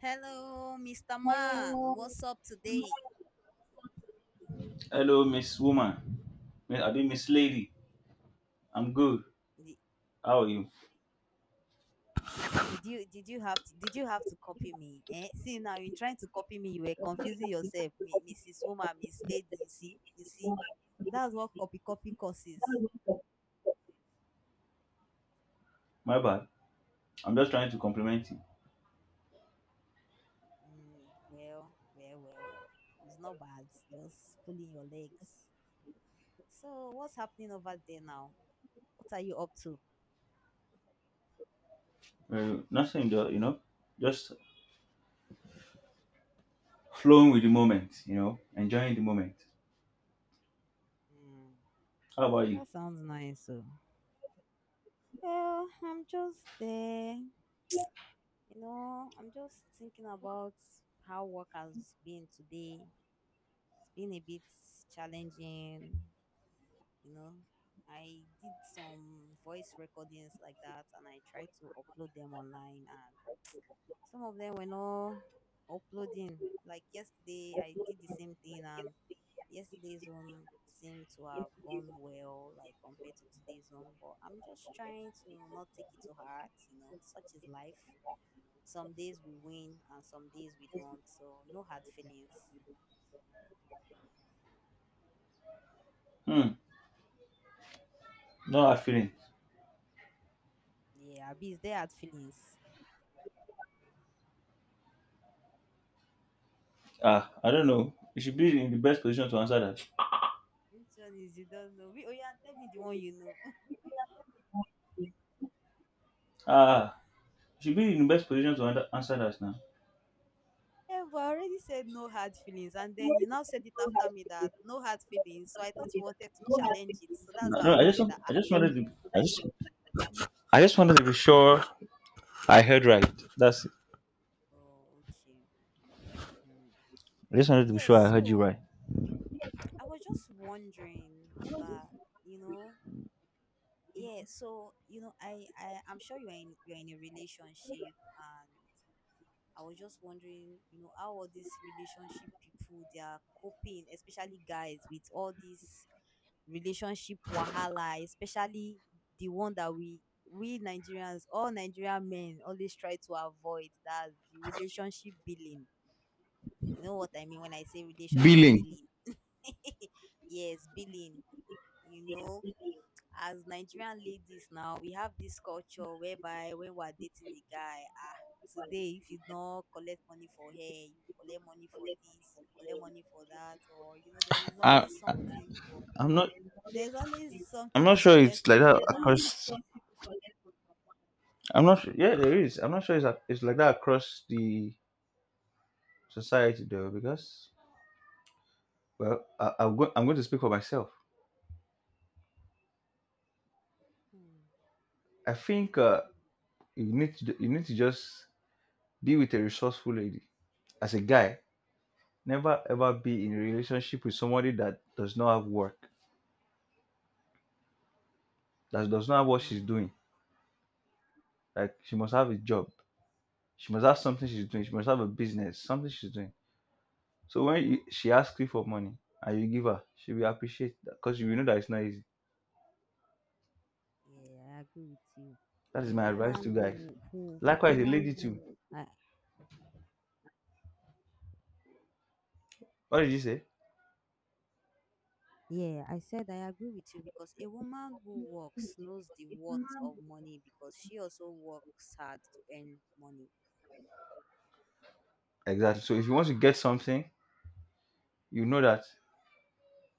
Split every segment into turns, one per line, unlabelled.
Hello, Mr. Man. What's up today?
Hello, Miss Woman. I mean, Miss Lady. I'm good.
Did,
How are you?
did you have to did you have to copy me? Eh? See now in trying to copy me, you were confusing yourself, Mrs. Woman, Miss Lady. You see, that's what copy causes.
My bad. I'm just trying to compliment you.
Well. It's not bad. Just pulling your legs. So what's happening over there now? What are you up to?
Nothing, though, Just flowing with the moment, enjoying the moment.
Mm,
How about you?
that sounds nice. I'm just there you know, I'm just thinking about how work has been today. It's been a bit challenging, you know. I did some voice recordings like that and I tried to upload them online and some of them were not uploading. Like yesterday I did the same thing and yesterday's one seemed to have gone well like compared to today's one, but I'm just trying to not take it to heart, you know. Such is life, some days we win and some days we don't. So no hard feelings.
Hmm. No hard feeling.
Yeah, Abi, is there hard feelings?
Ah, I don't know. You should be in the best position to answer that.
Which one is you don't know? Oh yeah, tell me the one you know.
Ah, you should be in the best position to answer that now.
Yeah, but I already said no hard feelings, and then you now said it after me that no hard feelings. So I thought you wanted to challenge it. So that's
No,
why I
no,
was
I just,
like that.
I
Ah,
just wanted to, I just wanted to be sure I heard right. That's it.
oh, okay. Hmm.
I just wanted to be
Yeah,
sure I heard you
so
right.
I was just wondering that, you know, yeah, so you know, I I'm sure you're in a relationship, and I was just wondering, you know, how all these relationship people they are coping, especially guys with all these relationship wahala, especially the one that we Nigerians, all Nigerian men always try to avoid, that's the relationship billing. You know what I mean when I say relationship
Billing.
billing? Yes, billing. You know, as Nigerian ladies now, we have this culture whereby when we are dating a guy, ah, today if you don't collect money for hair, you collect money for this, you collect money for that, or you know, there's
I,
always
I
something.
I'm not.
There's always
I'm
something
not
to
sure
collect
it's like
from
that
your man.
across. I'm not. Sure, yeah, there is. I'm not sure it's like that across the society though, because well, I'm going. I'm going to speak for myself.
Hmm.
I think you need to. You need to just be with a resourceful lady. As a guy, never ever be in a relationship with somebody that does not have work, that does not have what she's
Mm.
doing. Like she must have a job. She must have something she's doing. She must have a business, something she's doing. So when she asks you for money and you give her, she will appreciate that because you will know that it's not easy.
Yeah, I agree with you.
That is
A
my advice to
woman
guys.
who
Likewise, a lady too.
uh,
What did you say?
yeah, I said I agree with you because a woman who works knows the worth of money because she also works hard to earn money.
Exactly. So if you want to get something, you know that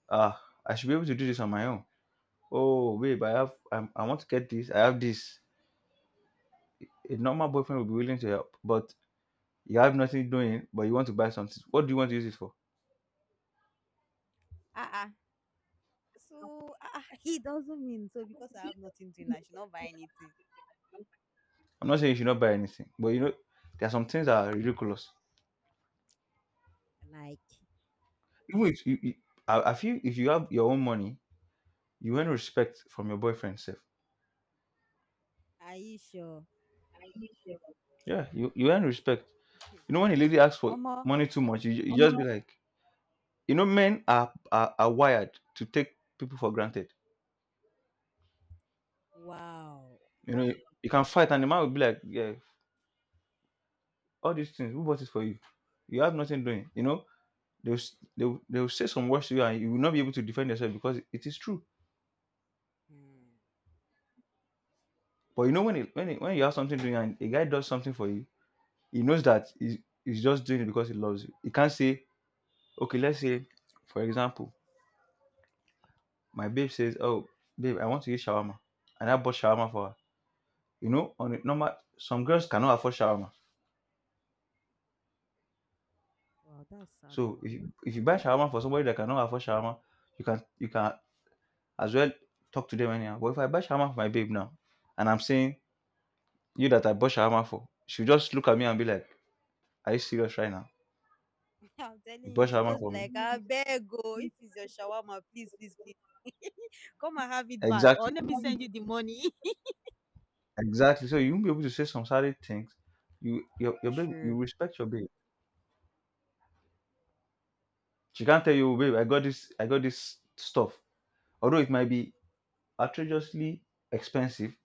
ah, I should be able to do this on my own. Oh, babe, I want to get this. I have this. A normal boyfriend will be willing to help, but you have nothing doing, but you want to buy something. What do you want to use it for?
Ah ah, so ah, he doesn't mean so because I have nothing to and I should not buy anything.
I'm not saying you should not buy anything, but you know, there are some things that are ridiculous.
Like,
Even if you, I feel if you have your own money, you earn respect from your boyfriend self.
are you sure?
Yeah, you earn respect. You know, when a lady asks for
Omo,
money too much, you just be like, you know, men are, are wired to take people for granted.
wow.
You know, you can fight and the man will be like, yeah, all these things, who bought it for you? You have nothing doing. You know, they'll say some words to you and you will not be able to defend yourself because it is true.
Hmm.
But you know, when you have something doing and a guy does something for you, he knows that he's just doing it because he loves you. He can't say, okay, let's say, for example, my babe says, oh, babe, I want to eat shawarma. And I bought shawarma for her. You know, on a normal, some girls cannot afford shawarma.
Wow, that's sad.
So
Oh.
if you buy shawarma for somebody that cannot afford shawarma, you can as well talk to them anyhow. But if I buy shawarma for my babe now, and I'm saying you that I bought shawarma for, she'll just look at me and be like, "Are you serious right now?
I'm telling
You
you,
bought
you should
shawarma
just
for
be
me?"
like, I beg, go. If it's your shawarma, please, please, please, come and have it back. Or
Exactly.
let me send you the money.
Exactly. So you won't be able to say some certain things. You
Sure.
respect your babe. She can't tell you, babe, I got this stuff. Although it might be outrageously expensive,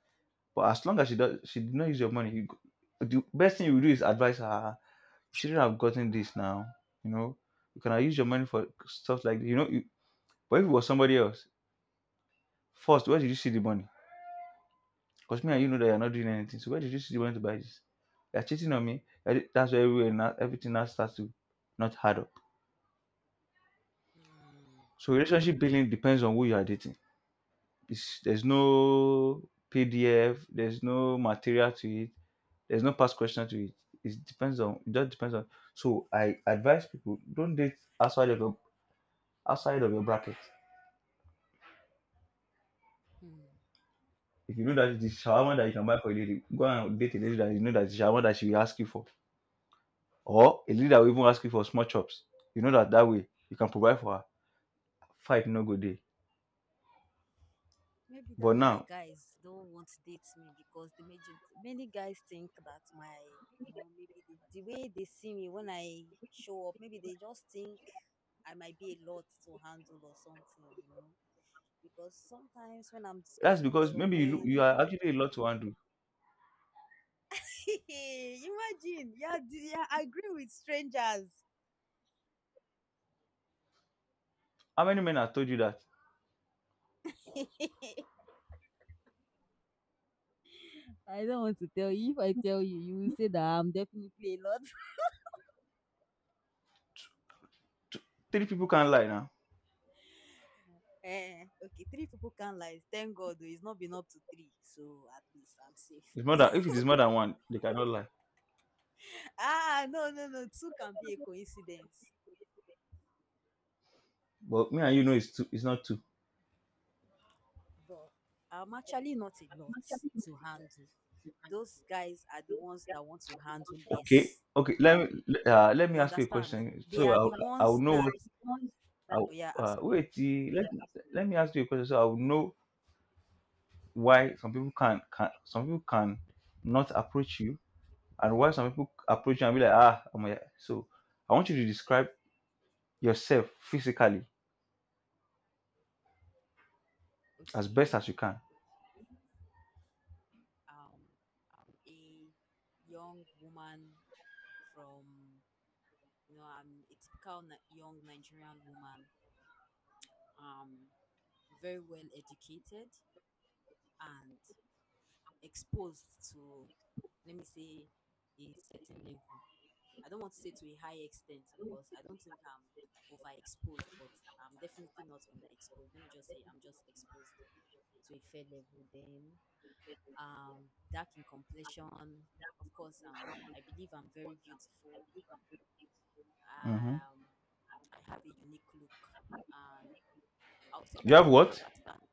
but as long as she did not use your money, the best thing you do is advise her, you shouldn't have gotten this now. You know, you can use your money for stuff like this. You know, but if it was somebody else, first, where did you see the money? Because me and you know that you're not doing anything. So where did you see the money to buy this? You're cheating on me. That's where everything now starts to not add up.
Hmm.
So relationship building depends on who you are dating. There's no PDF, there's no material to it, there's no past question to it. It depends on It just depends on, so I advise people don't date outside of your outside of your bracket.
Hmm.
If you know that the shawarma that you can buy for a lady, go and date a lady that you know that the shawarma that she will ask you for. Or a lady that will even ask you for small chops. You know that that way you can provide for her. Fight no good day.
Maybe
But
that's why
now,
guys don't want to date me because the major many guys think that my you know maybe the way they see me when I show up, maybe they just think I might be a lot to handle or something, you know. Because sometimes when I'm
that's
discussing with
because
some
maybe you look,
men,
you are actually a lot to undo.
imagine, yeah, yeah, I agree with strangers.
How many men have told you that?
I don't want to tell you. If I tell you, you will say that I'm definitely a lot.
Two, three people can't lie now.
Eh, okay, three people can't lie. Thank God, though, it's not been up to three, so at least I'm safe.
It's more than, if it is more than one, they cannot lie.
Ah, no, no, no, two can be a coincidence,
But me and you know it's two. It's not two.
but I'm actually not a lot to handle. Those guys are the ones that want to handle
Okay,
less.
okay. Let me
You
ask you a
understand?
question.
They
So
are the
I'll
ones
know
that
what. I'll,
oh yeah, ask me.
wait, eh, let let me ask you a question. So I'll know why some people can not approach you, and why some people approach you and be like ah I'm a, so. I want you to describe yourself physically as best
Okay.
as you can.
Um a young woman from you know, I'm a typical young Nigerian woman, um very well educated and exposed to, let me say, a certain level. I don't want to say to a high extent because I don't think I'm overexposed, but I'm definitely not underexposed. Let me just say I'm just exposed to a fair level. Then um, dark in complexion. Of course, I believe I'm very beautiful.
Hmm.
Um, I have a unique look, and I'll say
You
that
have
one thing
what?
that's stands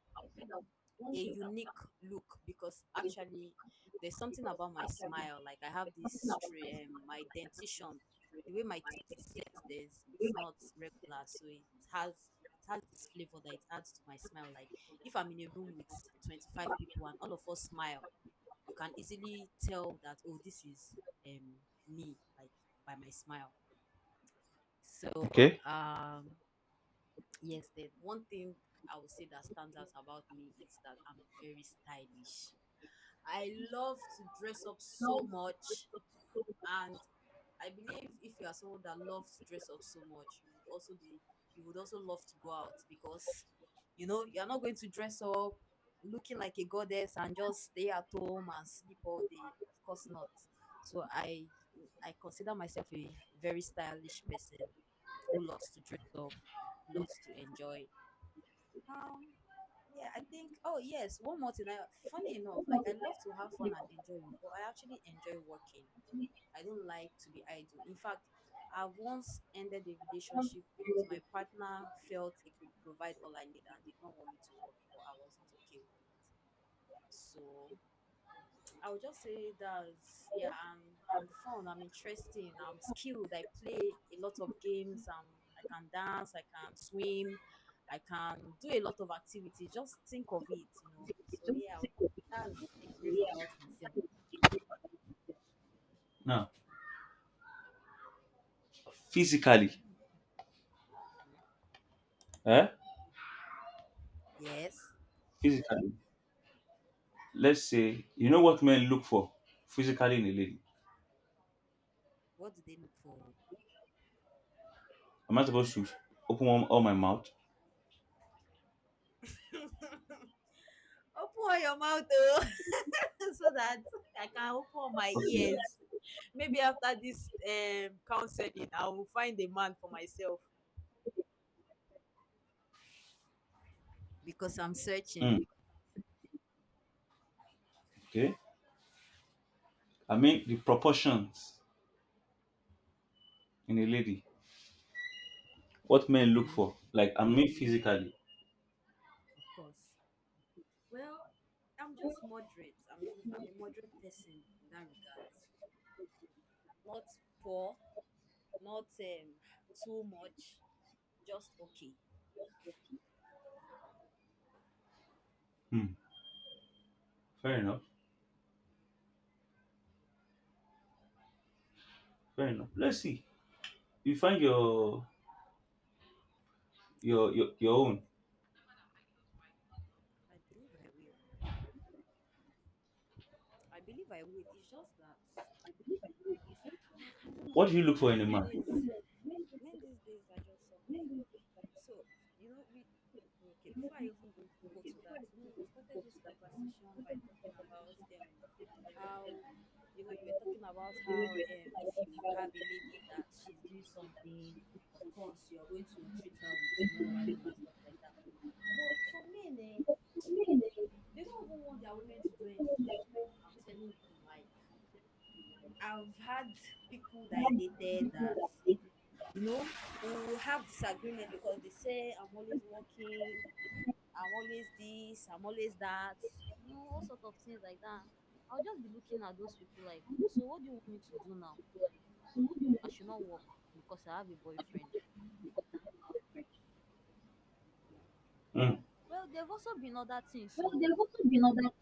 a unique look because actually there's something about my smile. Like I have this my dentition, the way my teeth is set, there's it's not regular, so has it has this flavor that it adds to my smile. Like if I'm in a room with 25 people and all of us smile, you can easily tell that oh this is um me, like by my smile. so
Okay.
um yes, the one thing I would say that stands out about me is that I'm very stylish. I love to dress up so much, and I believe if you are someone that loves to dress up so much, you would also love to go out because you know you're not going to dress up looking like a goddess and just stay at home and sleep all day. Of course not. So I consider myself a very stylish person who loves to dress up, loves to enjoy. Um yeah, I think oh yes, one more thing. Funny enough, like I love to have fun and enjoy, but I actually enjoy working. I don't like to be idle. In fact, I've once ended a relationship because my partner felt he could provide all I need and did not want me to work, but I wasn't okay with it. So I would just say that yeah, I'm fun, I'm interesting, I'm skilled, I play a lot of games, I can dance, I can swim, I can do a lot of activities. Just think of it, you know. So yeah, that's a brief about myself.
Now physically.
Mhm.
Eh?
Yes.
Physically. Let's say you know what men look for physically in a lady.
What do they look for?
Am I supposed to open one, all my mouth?
Open your mouth, oh, so that I can open my
Okay.
ears. Maybe after this counseling, I will find a man for myself because I'm searching.
Mm, okay. I mean the proportions in a lady. What men look
Hmm.
for. Like I mean physically.
Of course. Well, I'm just moderate. I mean, I'm a moderate person in that regard. Not poor, not too much, just okay.
Hmm. Fair enough. Fair enough. Let's see. You find your own.
I believe I will. I believe I will. It's just that I don't
What do you
know.
look for in a man?
Men these days are just something. So, you know, we okay, before I even go to that, you know, we started this conversation by talking about how you know you were talking about how if you have a lady that she's doing something, of course you're going to treat her with more value and stuff like that. But some men eh, they don't even want their women to do anything. I'm telling you, like I've had people that I dated that you know we will have disagreement because they say I'm always working, I'm always this, I'm always that, you know, all sort of things like that. I'll just be looking at those people like, so what do you want me to do now? I should not work because I have a boyfriend.
Hmm.
Well, there have also been other things. So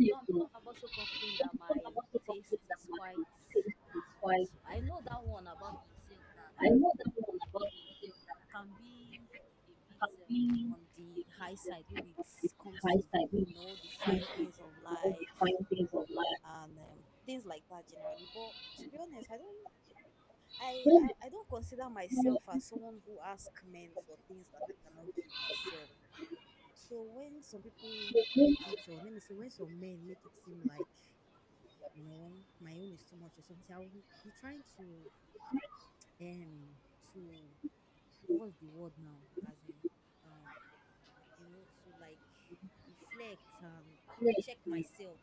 some have also complained that my taste is quite. I know that one about myself, that I can be a bit on the high side when it comes to you know the fine things of life and things like that generally. But to be honest, I I don't consider myself as someone who asks men for things that I cannot give myself. So when some people make it, or let me say, when some men make it seem like you know my own is too much or something, I will be trying to um to what's the word now? As in um you know, to like reflect and check myself.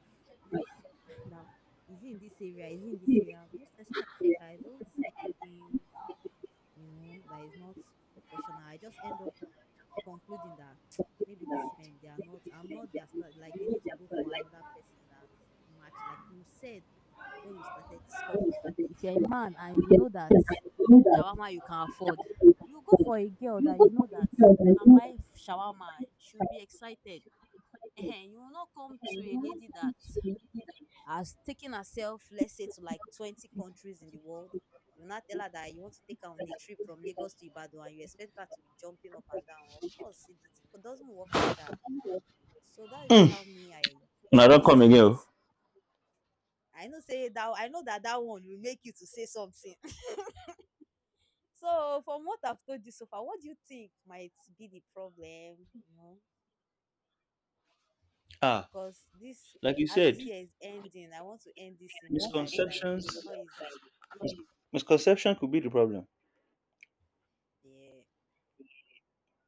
Now is it in this area? Is it in this area? Most times when I check, I don't see anything, you know, that is not proportional. I just end up concluding that maybe these men they are not, I'm not their style. Like they need to go for another person that match. Like you said when we started this call, if you're a man and you know that shawarma you can afford, you go for a girl that you know that you can buy shawarma. She'll be excited. Ehen, you will not come to a lady that has taken herself, let's say, to like 20 countries in the world. You not tell her that you want to take her on a trip from Lagos to Ibadan and you expect her to be jumping up and down. Of course, it doesn't work like that. So that's just how me
Now
I
don't come
see
again.
it.
Oh.
I know that that one will make you to say something. So from what I've told you so far, what do you think might be the problem? You know,
Ah,
because this,
like you
as this
said,
year is ending, I want to end this single lifestyle. Oh.
misconceptions.
It's not easy.
Misconception could be the problem.
Yeah,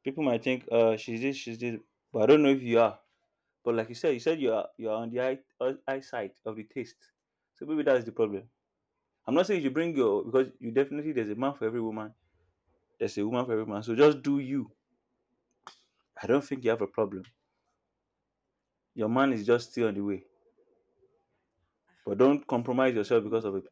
People might think she's she's this, but I don't know if you are. But like you said, you said you are on the eyesight of the taste. So maybe that is the problem. I'm not saying you should bring your, because you definitely there's a man for every woman. There's a woman for
of
every man.
course.
So just do you. I don't think you have a problem. Your man is just
Yeah.
still on the way. But
He
don't
needs to
compromise
hurry up.
yourself because of it.
Oh.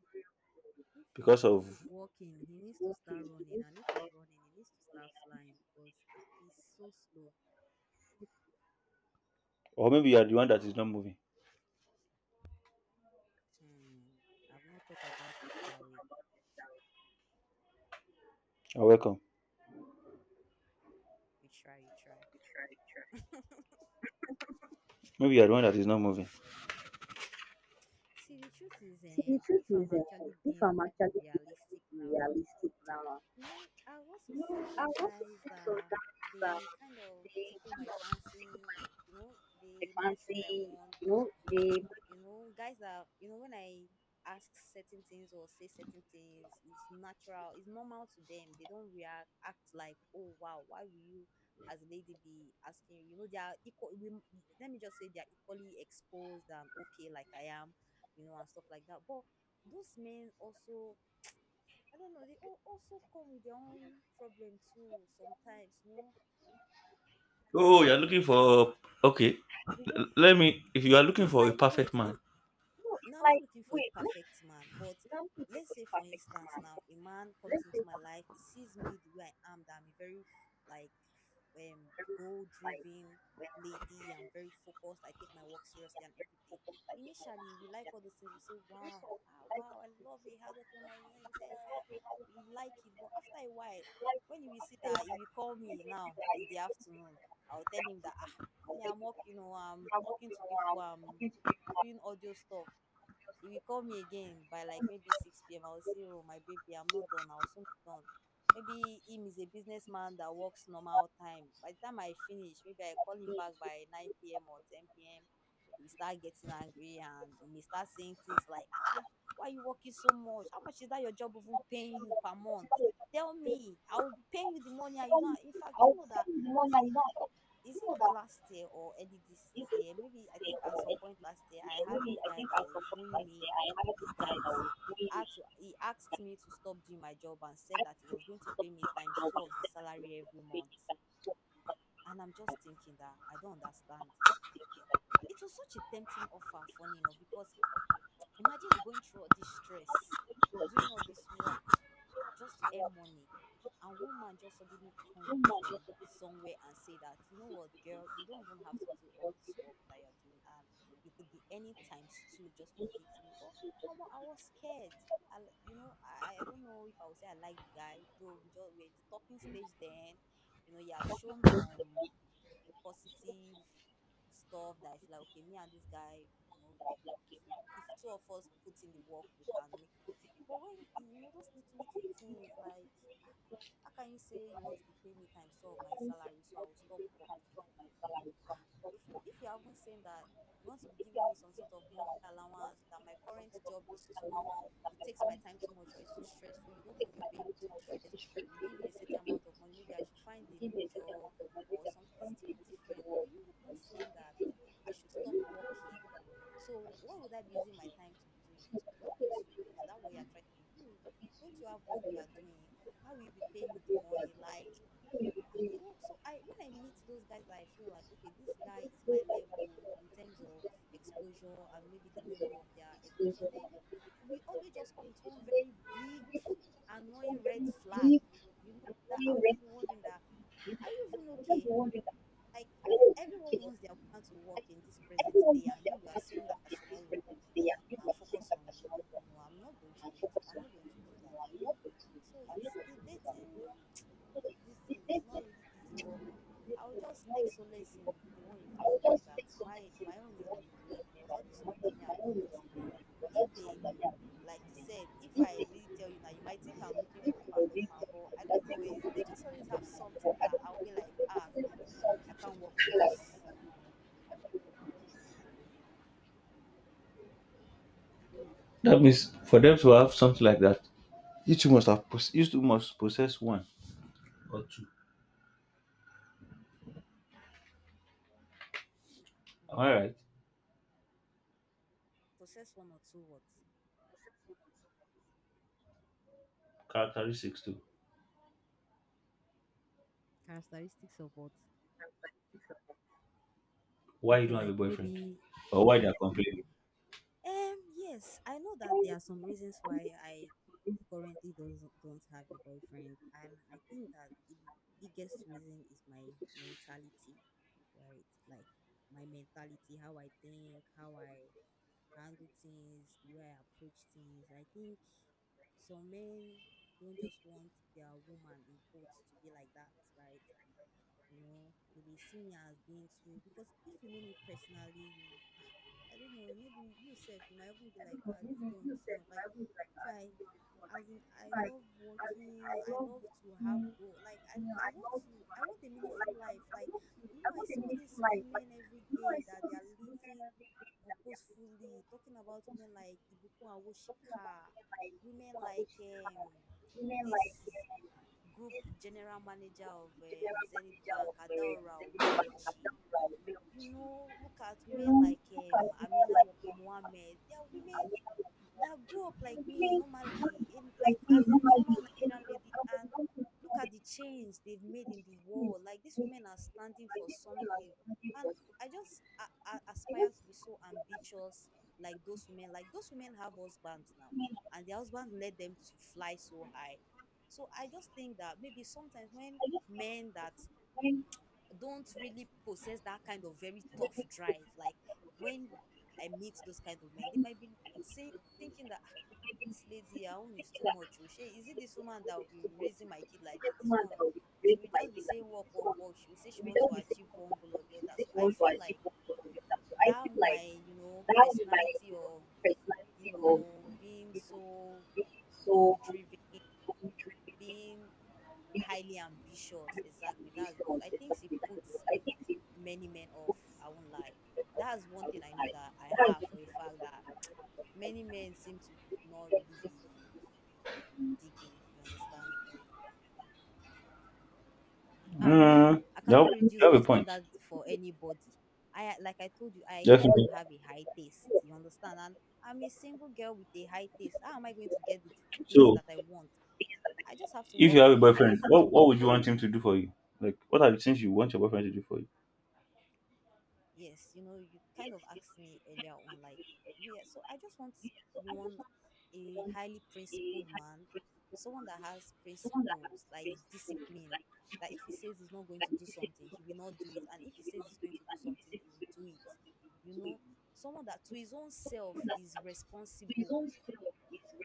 If he's
Because
if he's
of,
walking, he needs to start running, and if he's running, he needs to start flying because he's so slow.
or maybe you are the one that is not moving.
Hmm. I've not thought about it that way.
You're welcome.
You try, you try.
Maybe you are the one that is not moving.
See, the truth is, if I'm actually being realistic now, you know, I've also seen some guys that they kind of tickle my fancy. You know, they match what I want. You know, guys are, you know, when I ask certain things or say certain things, it's natural, it's normal to them. They don't react act like, oh wow, why will you as a lady be asking? You know, they are equal. Let me just say they are equally exposed and okay like I am, you know, and stuff like that. But those men also, I don't know, they also come with their own problem too sometimes, you know.
Oh, you're
They
looking
just,
for okay. Let me. If you are
no,
looking
it's
for a
like,
perfect
wait,
man,
now I'm not looking for a perfect man, but let's say for instance now a man comes into my life, he sees me the way I am, that I'm a very, like um goal driven lady. I'm very focused, I take my work seriously and everything. Initially we like all those things, we say, "Wow, wow, I love it, how's up your mind?" You know, we say, you like it, but after a while, when you will see that he will call me now in the afternoon, I'll tell him that, me, I'm working, you know, I'm talking to people, I'm doing audio stuff. He will call me again by like maybe 6 p.m. I will say, "Oh, my baby, I'm not done. I'll soon be done." Maybe him is a businessman that works normal time. By the time I finish, maybe I call him back by 9 p.m. or 10 p.m. He will start getting angry and he may start saying things like, Ah, why you working so much? How much is that your job even paying you per month? Tell me, I will be paying you the money and you don't." In fact, do you know that, is it last year or early this year? Maybe I think at some point last year I had this guy that was wooing me that, he asked me to stop doing my job and said that he was going to pay me times two of the salary every month. And I'm just thinking that I don't understand. It was such a tempting offer, funny enough, because imagine going through all this stress, doing all this work just to earn money. And one man just suddenly come from somewhere and say that, "You know what, girl, you don't even have to do all this work that you're doing and you could be any times two just for dating me." But Omo, I was scared. I don't know if I would say I like guy, though we are in the talking stage then. You know, he had shown some positive stuff that I feel like, okay, me and this guy, you know, if two of us put in the work, we can make it. But when, you know, those little, little things like, ah, how can you say you want to be paying me times of my salary so I will stop working? If you haven't seen that, you want to be giving me some sort of monthly allowance, that my current job is too, it takes my time too much, or it's too stressful, you don't want your baby to be stressed, you give me a certain amount of money, maybe I should find a new job or something. It's still different, or you even saying that I should stop working, so what would I be using my time to be doing, to be talking to you? Is that what you're trying to do? Don't you have work you are doing? How will you be paying me the money? Like, you know, so I when I meet those guys that I feel like, okay, this guy is my level in terms of exposure and maybe the level of their education, they, we always just come with one very big annoying red flag, you know, that I'll just be wondering that, are you even okay? Like, everyone wants their woman to work in this present day, and you are saying that I should not work and focus on you. No, I'm not going to do that, you know. So it's the dating, this thing is not really easy, but I'll just take solace in the one you've told me that my own is on the way because all these ones that me have been meeting, if they, like you said, if I really tell you now, you might think I'm looking for a perfect man, but I don't know. Is they just always have something that I'll be like, no, I can't work with this, you know.
that means for them to have something like that, you two must possess one or two.
Mm.
All right,
Possess one or two what?
characteristics too.
Characteristics of what?
Why you
Okay,
don't have a
like
boyfriend,
maybe
or why they are complaining?
yes, I know that there are some reasons why I currently doesn't don't have a boyfriend, and I think that the biggest reason is my mentality. Right, like my mentality, how I think, how I handle things, the way I approach things. I think some men don't just want their woman, in quotes, to be like that, right? You know, they may see me as being too, because if you know me personally, you, I don't know, maybe yourself, you might even be like, ah, this girl is too much. Like, if I as in, I love working, I love to have goal. Like, I love to I want a meaningful life. Like, you know, I see all these women every day that they are living purposefully, talking about women like Ibuku and Woshika, women like, this Group General Manager of, Zenith Bank, Adaora Omelji. You know, look at women like, Amina Mohammed. They are women that grew up like me normally, in like, as a normal Nigerian lady, and look at the change they've made in the world. Like, these women are standing for something, and I just, I aspire to be so ambitious, like those women. Like those women have husbands now, and their husband led them to fly so high, so I just think that maybe sometimes when men that don't really possess that kind of very tough drive, like, when I meet those kind of men, they might be saying thinking that, this lady, her own is too much. Oh, shey, is it this woman that will be raising my kid like this? This one, she will just be saying work, work, work. She will say she wants to achieve one goal or the other. So I feel like that, my, you know, personality of, you know, being so goal driven, being highly ambitious. Exactly. That's what I think she puts many men off. I won't lie. That's one thing I know that I have for a fact, that many men seem to not really be digging. You understand? And me,
Mm,
I cannot
you
reduce
have a
my
point.
standard for anybody. I Like I told you, I kind of
Definitely.
have a high taste, you understand? And I'm a single girl with a high taste, how am I going to get the things
So
that I want? I just have to
if
work
you have a
for it.
boyfriend, what would you want him to do for you? Like what are the things you want your boyfriend to do for you?
Yes, you know, you kind of asked me earlier on, like, yeah, yeah, so I just want, one, a highly principled man, someone that has principles, that is disciplined, that if he says he's not going to do something, he will not do it. And if he says he's going to do something, he will do it. You know, someone that to his own self is responsible.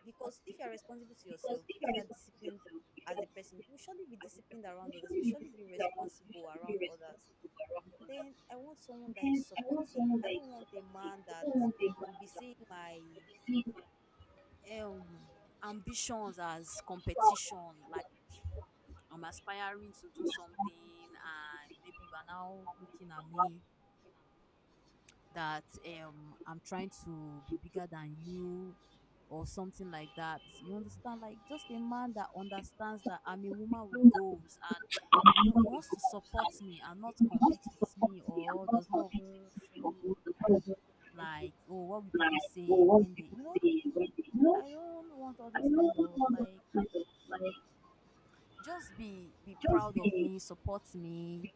Because if you are responsible to yourself, if you are disciplined as a person, you will surely be disciplined around others. You will surely be responsible around others. Then I want someone that is supportive. I don't want a man that will be seeing my, um ambitions as competition. Like, I'm aspiring to do something, and maybe you are now looking at me that, I'm trying to be bigger than you or something like that. You understand? Like just a man that understands that I'm a woman with goals, and he wants to support me and not compete with me or does not even feel like, oh, what will people say when they. I don't want all those kind of, like, just be proud of me, support me,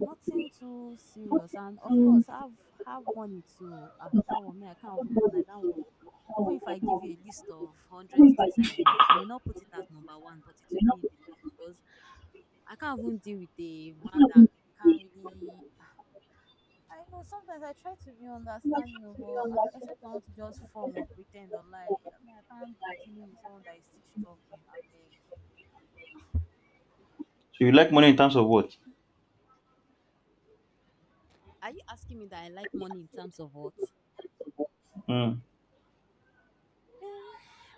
nothing too serious. And of course, have money too. Ah, that one, me, I can't even deny that one. Even if I give you a list of 100 things I want, I may not put it at number one, but it will be in the list. Because I can't even deal with a man that can't really... I know sometimes I try to be understanding of all, except I want to just form or pretend or lie. I mean, I can't be dealing with someone that is still struggling. I beg.
So you like money in terms of what?
Are you asking me that I like money in terms of what?
Mm.
Um,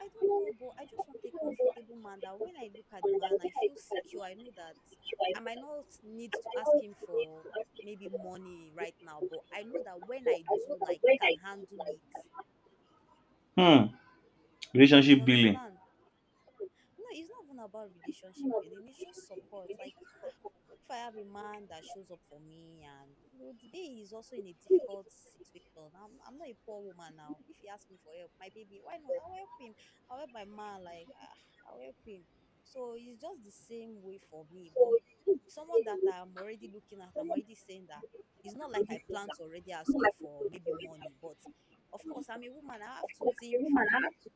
I don't know, but I just want a comfortable man that when I look at the man, I feel secure. I know that I might not need to ask him for maybe money right now, but I know that when I do, like, he can handle it.
Hmm.
You
Relationship building.
understand? No, it's not even about relationship building. It's just support. Like, ah, if I have a man that shows up for me, and you know, the day he's also in a difficult situation, I'm not a poor woman now. If he asks me for help, my baby, why not? I'll help him. I'll help my man. Like, I'll help him. So it's just the same way for me. But someone that I'm already looking at, I'm already saying that it's not like I plan to already ask you for maybe money, but of course, I'm a woman. I have to think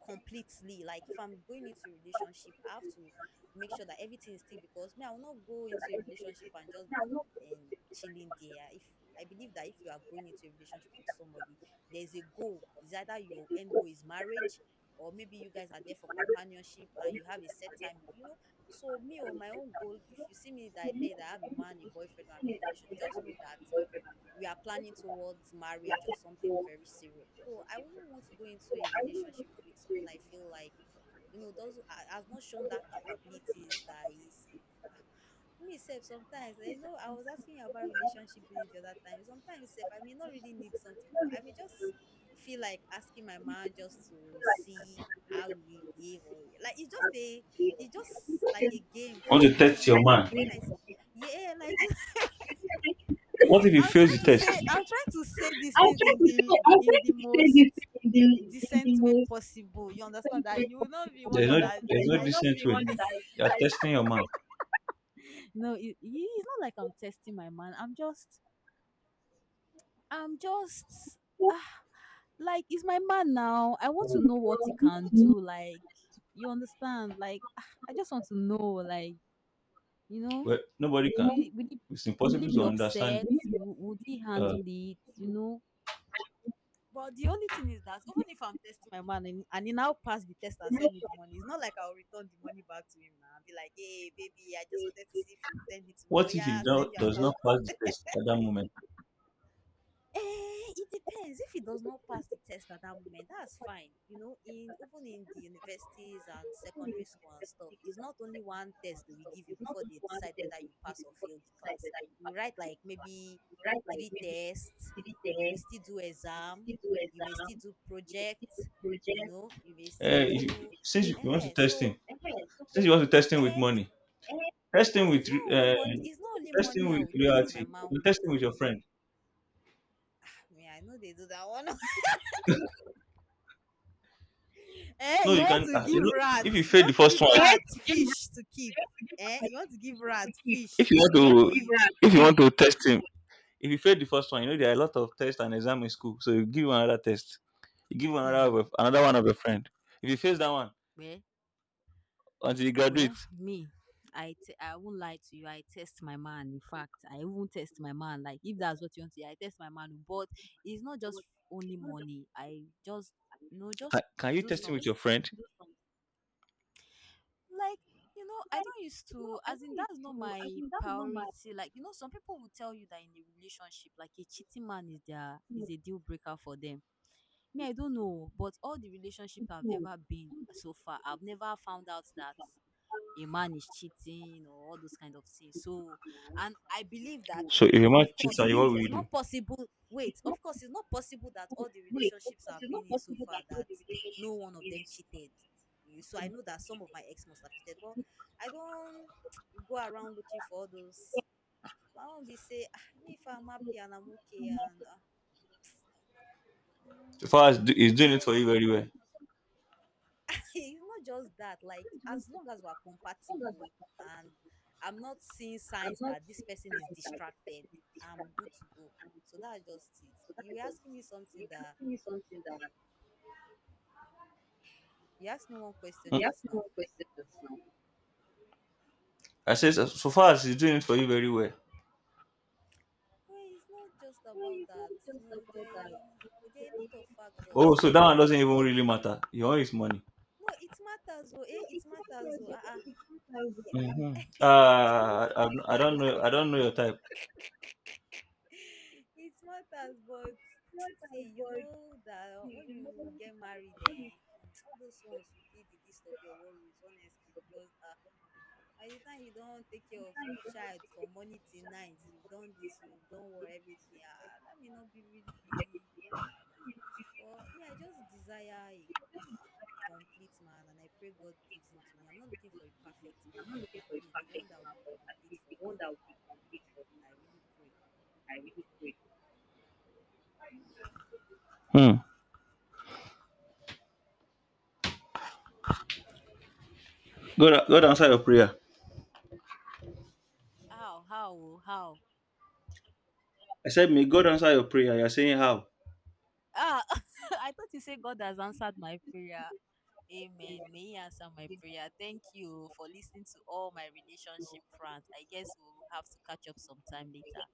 completely. Like if I'm going into a relationship, I have to make sure that everything is still, because me, I will not go into a relationship and just be chilling there. If I believe that if you are going into a relationship with somebody, there's a goal. It's either your end goal is marriage, or maybe you guys are there for companionship and you have a set time, you know. So me, or my own goal, if you see me that I tell you that I have a man, a boyfriend, or I'm in a relationship, just know that we are planning towards marriage or something very serious. So I wouldn't want to go into a relationship with someone I feel like, you know, has not shown that capabilities. That is me self sometimes, eh, you know I was asking you about relationship building the other time. Sometimes self I may not really need something, but I may just feel like asking my man just to see how he will behave. Or like it's just a... it's just like a game
Want
for
to
me. As
test
in
your man?
when I s- yeah, like
What if he
I'll
fails
try
the
to
test?
say... I'll try to say this thing in the most decent way possible. You understand, that you will not be wondering that
There's
it's
no
like...
decent way. You are testing your man.
no, it's not like I'm testing my man. I'm just... I'm just ah, like it's my man now. I want to know what he can do. Like you understand? Like ah, I just want to know. Like you know,
Well, nobody can.
will he- will he
It's
will he
impossible
be
to understand.
upset? Would he
Uh,
handle it? You know, but the only thing is that even if I'm testing my man, and he now pass the test and send me the money, it's not like I'll return the money back to him now and be like, hey, baby, I just wanted to see if you send it to me. Oh,
What if
yeah, send your
does not
account.
pass the test at that moment?
Eh, it depends. If it does not pass the test at that moment, that's fine. You know, in even in the universities and secondary school and stuff, it's not only one test they will give you before they decide whether you pass or fail the class. You write like maybe three tests, you will still do exam, you may still do project, you know, you may still
Eh, if you-
do...
since you want to
eh.
test him,
So
since you want to test him with
eh,
money, test
no,
him with
it's not only
uh,
money, it's not only
test him
money I
with
will test
reality.
my man
You
with.
test him with your friend.
I know they do that one. Eh,
No,
you
you
want
can.
to
Ah, you
give
know, if you
rats,
fail the first one,
fish to keep. Eh, you want to give rats
if
fish
you
to
want
keep for you.
to, if you want to test him, if you fail the first one, you know there are a lot of tests and exam in school, so you give him another test. You give him
Hmm.
another one of your friend. If he fails that one
Well,
until he graduates,
me, I won't lie to you. I test my man. In fact, I won't test my man. Like if that's what you want to hear, I test my man. Oh, but it's not just only money. I just... you know, just
can you
do
test him
some
with your
s-
friend?
like you know I don't used to, as in that's not my priority. Like you know some people will tell you that in a relationship like a cheating man is their is a deal breaker for them. Me, I don't know, but all the relationship I've ever been so far, I've never found out that a man is cheating or all those kind of things. So, and I believe that,
So if a man
of
cheats
course,
on you, what will you
it's
do?
not possible. Wait, of course, it's not possible that all the relationships I've been in so far that no one of them cheated. So I know that some of my ex must have cheated, but I don't go around looking for all those. I won't be say, "Ah, me, if I'm happy and I'm okay and... uh, mm,
So
so
far as
I
he's
don't know.
doing it for
So
you very well.
it's not just that. Like as long as we're compatible, and I'm not seeing signs that this person is distracted, I'm good to go. So that's just it. You were asking me something that... you asked me one question
Hmm?
just now.
I said so so far as he's doing it for you very well.
Well, it's not just about that. You know there are a lot of
Oh,
factors
so
to
that one doesn't even
consider.
really matter. You want his money.
No, it matters oh, eh? It matters oh, uh-uh. Is
Mm-hmm.
it-
I don't know. I don't know your type.
it matters, but see, you know that when you get married, then mm, all those ones will be the least of your worries, honestly. Because by the time you don't take care of child from morning till night, you've done this, you've done worry everything. Ah, that may not be really be, you know. But me, I just desire a complete man, and I pray God gives him to me. I'm not looking for a perfect man, but at least the one that will be complete for me. I really pray.
Hmm. God, God answer your prayer.
How, oh, how?
I said, may God answer your prayer. You're saying how?
Ah, I thought you said God has answered my prayer. Amen. May He answer my prayer. Thank you for listening to all my relationship rants. I guess we'll have to catch up sometime later.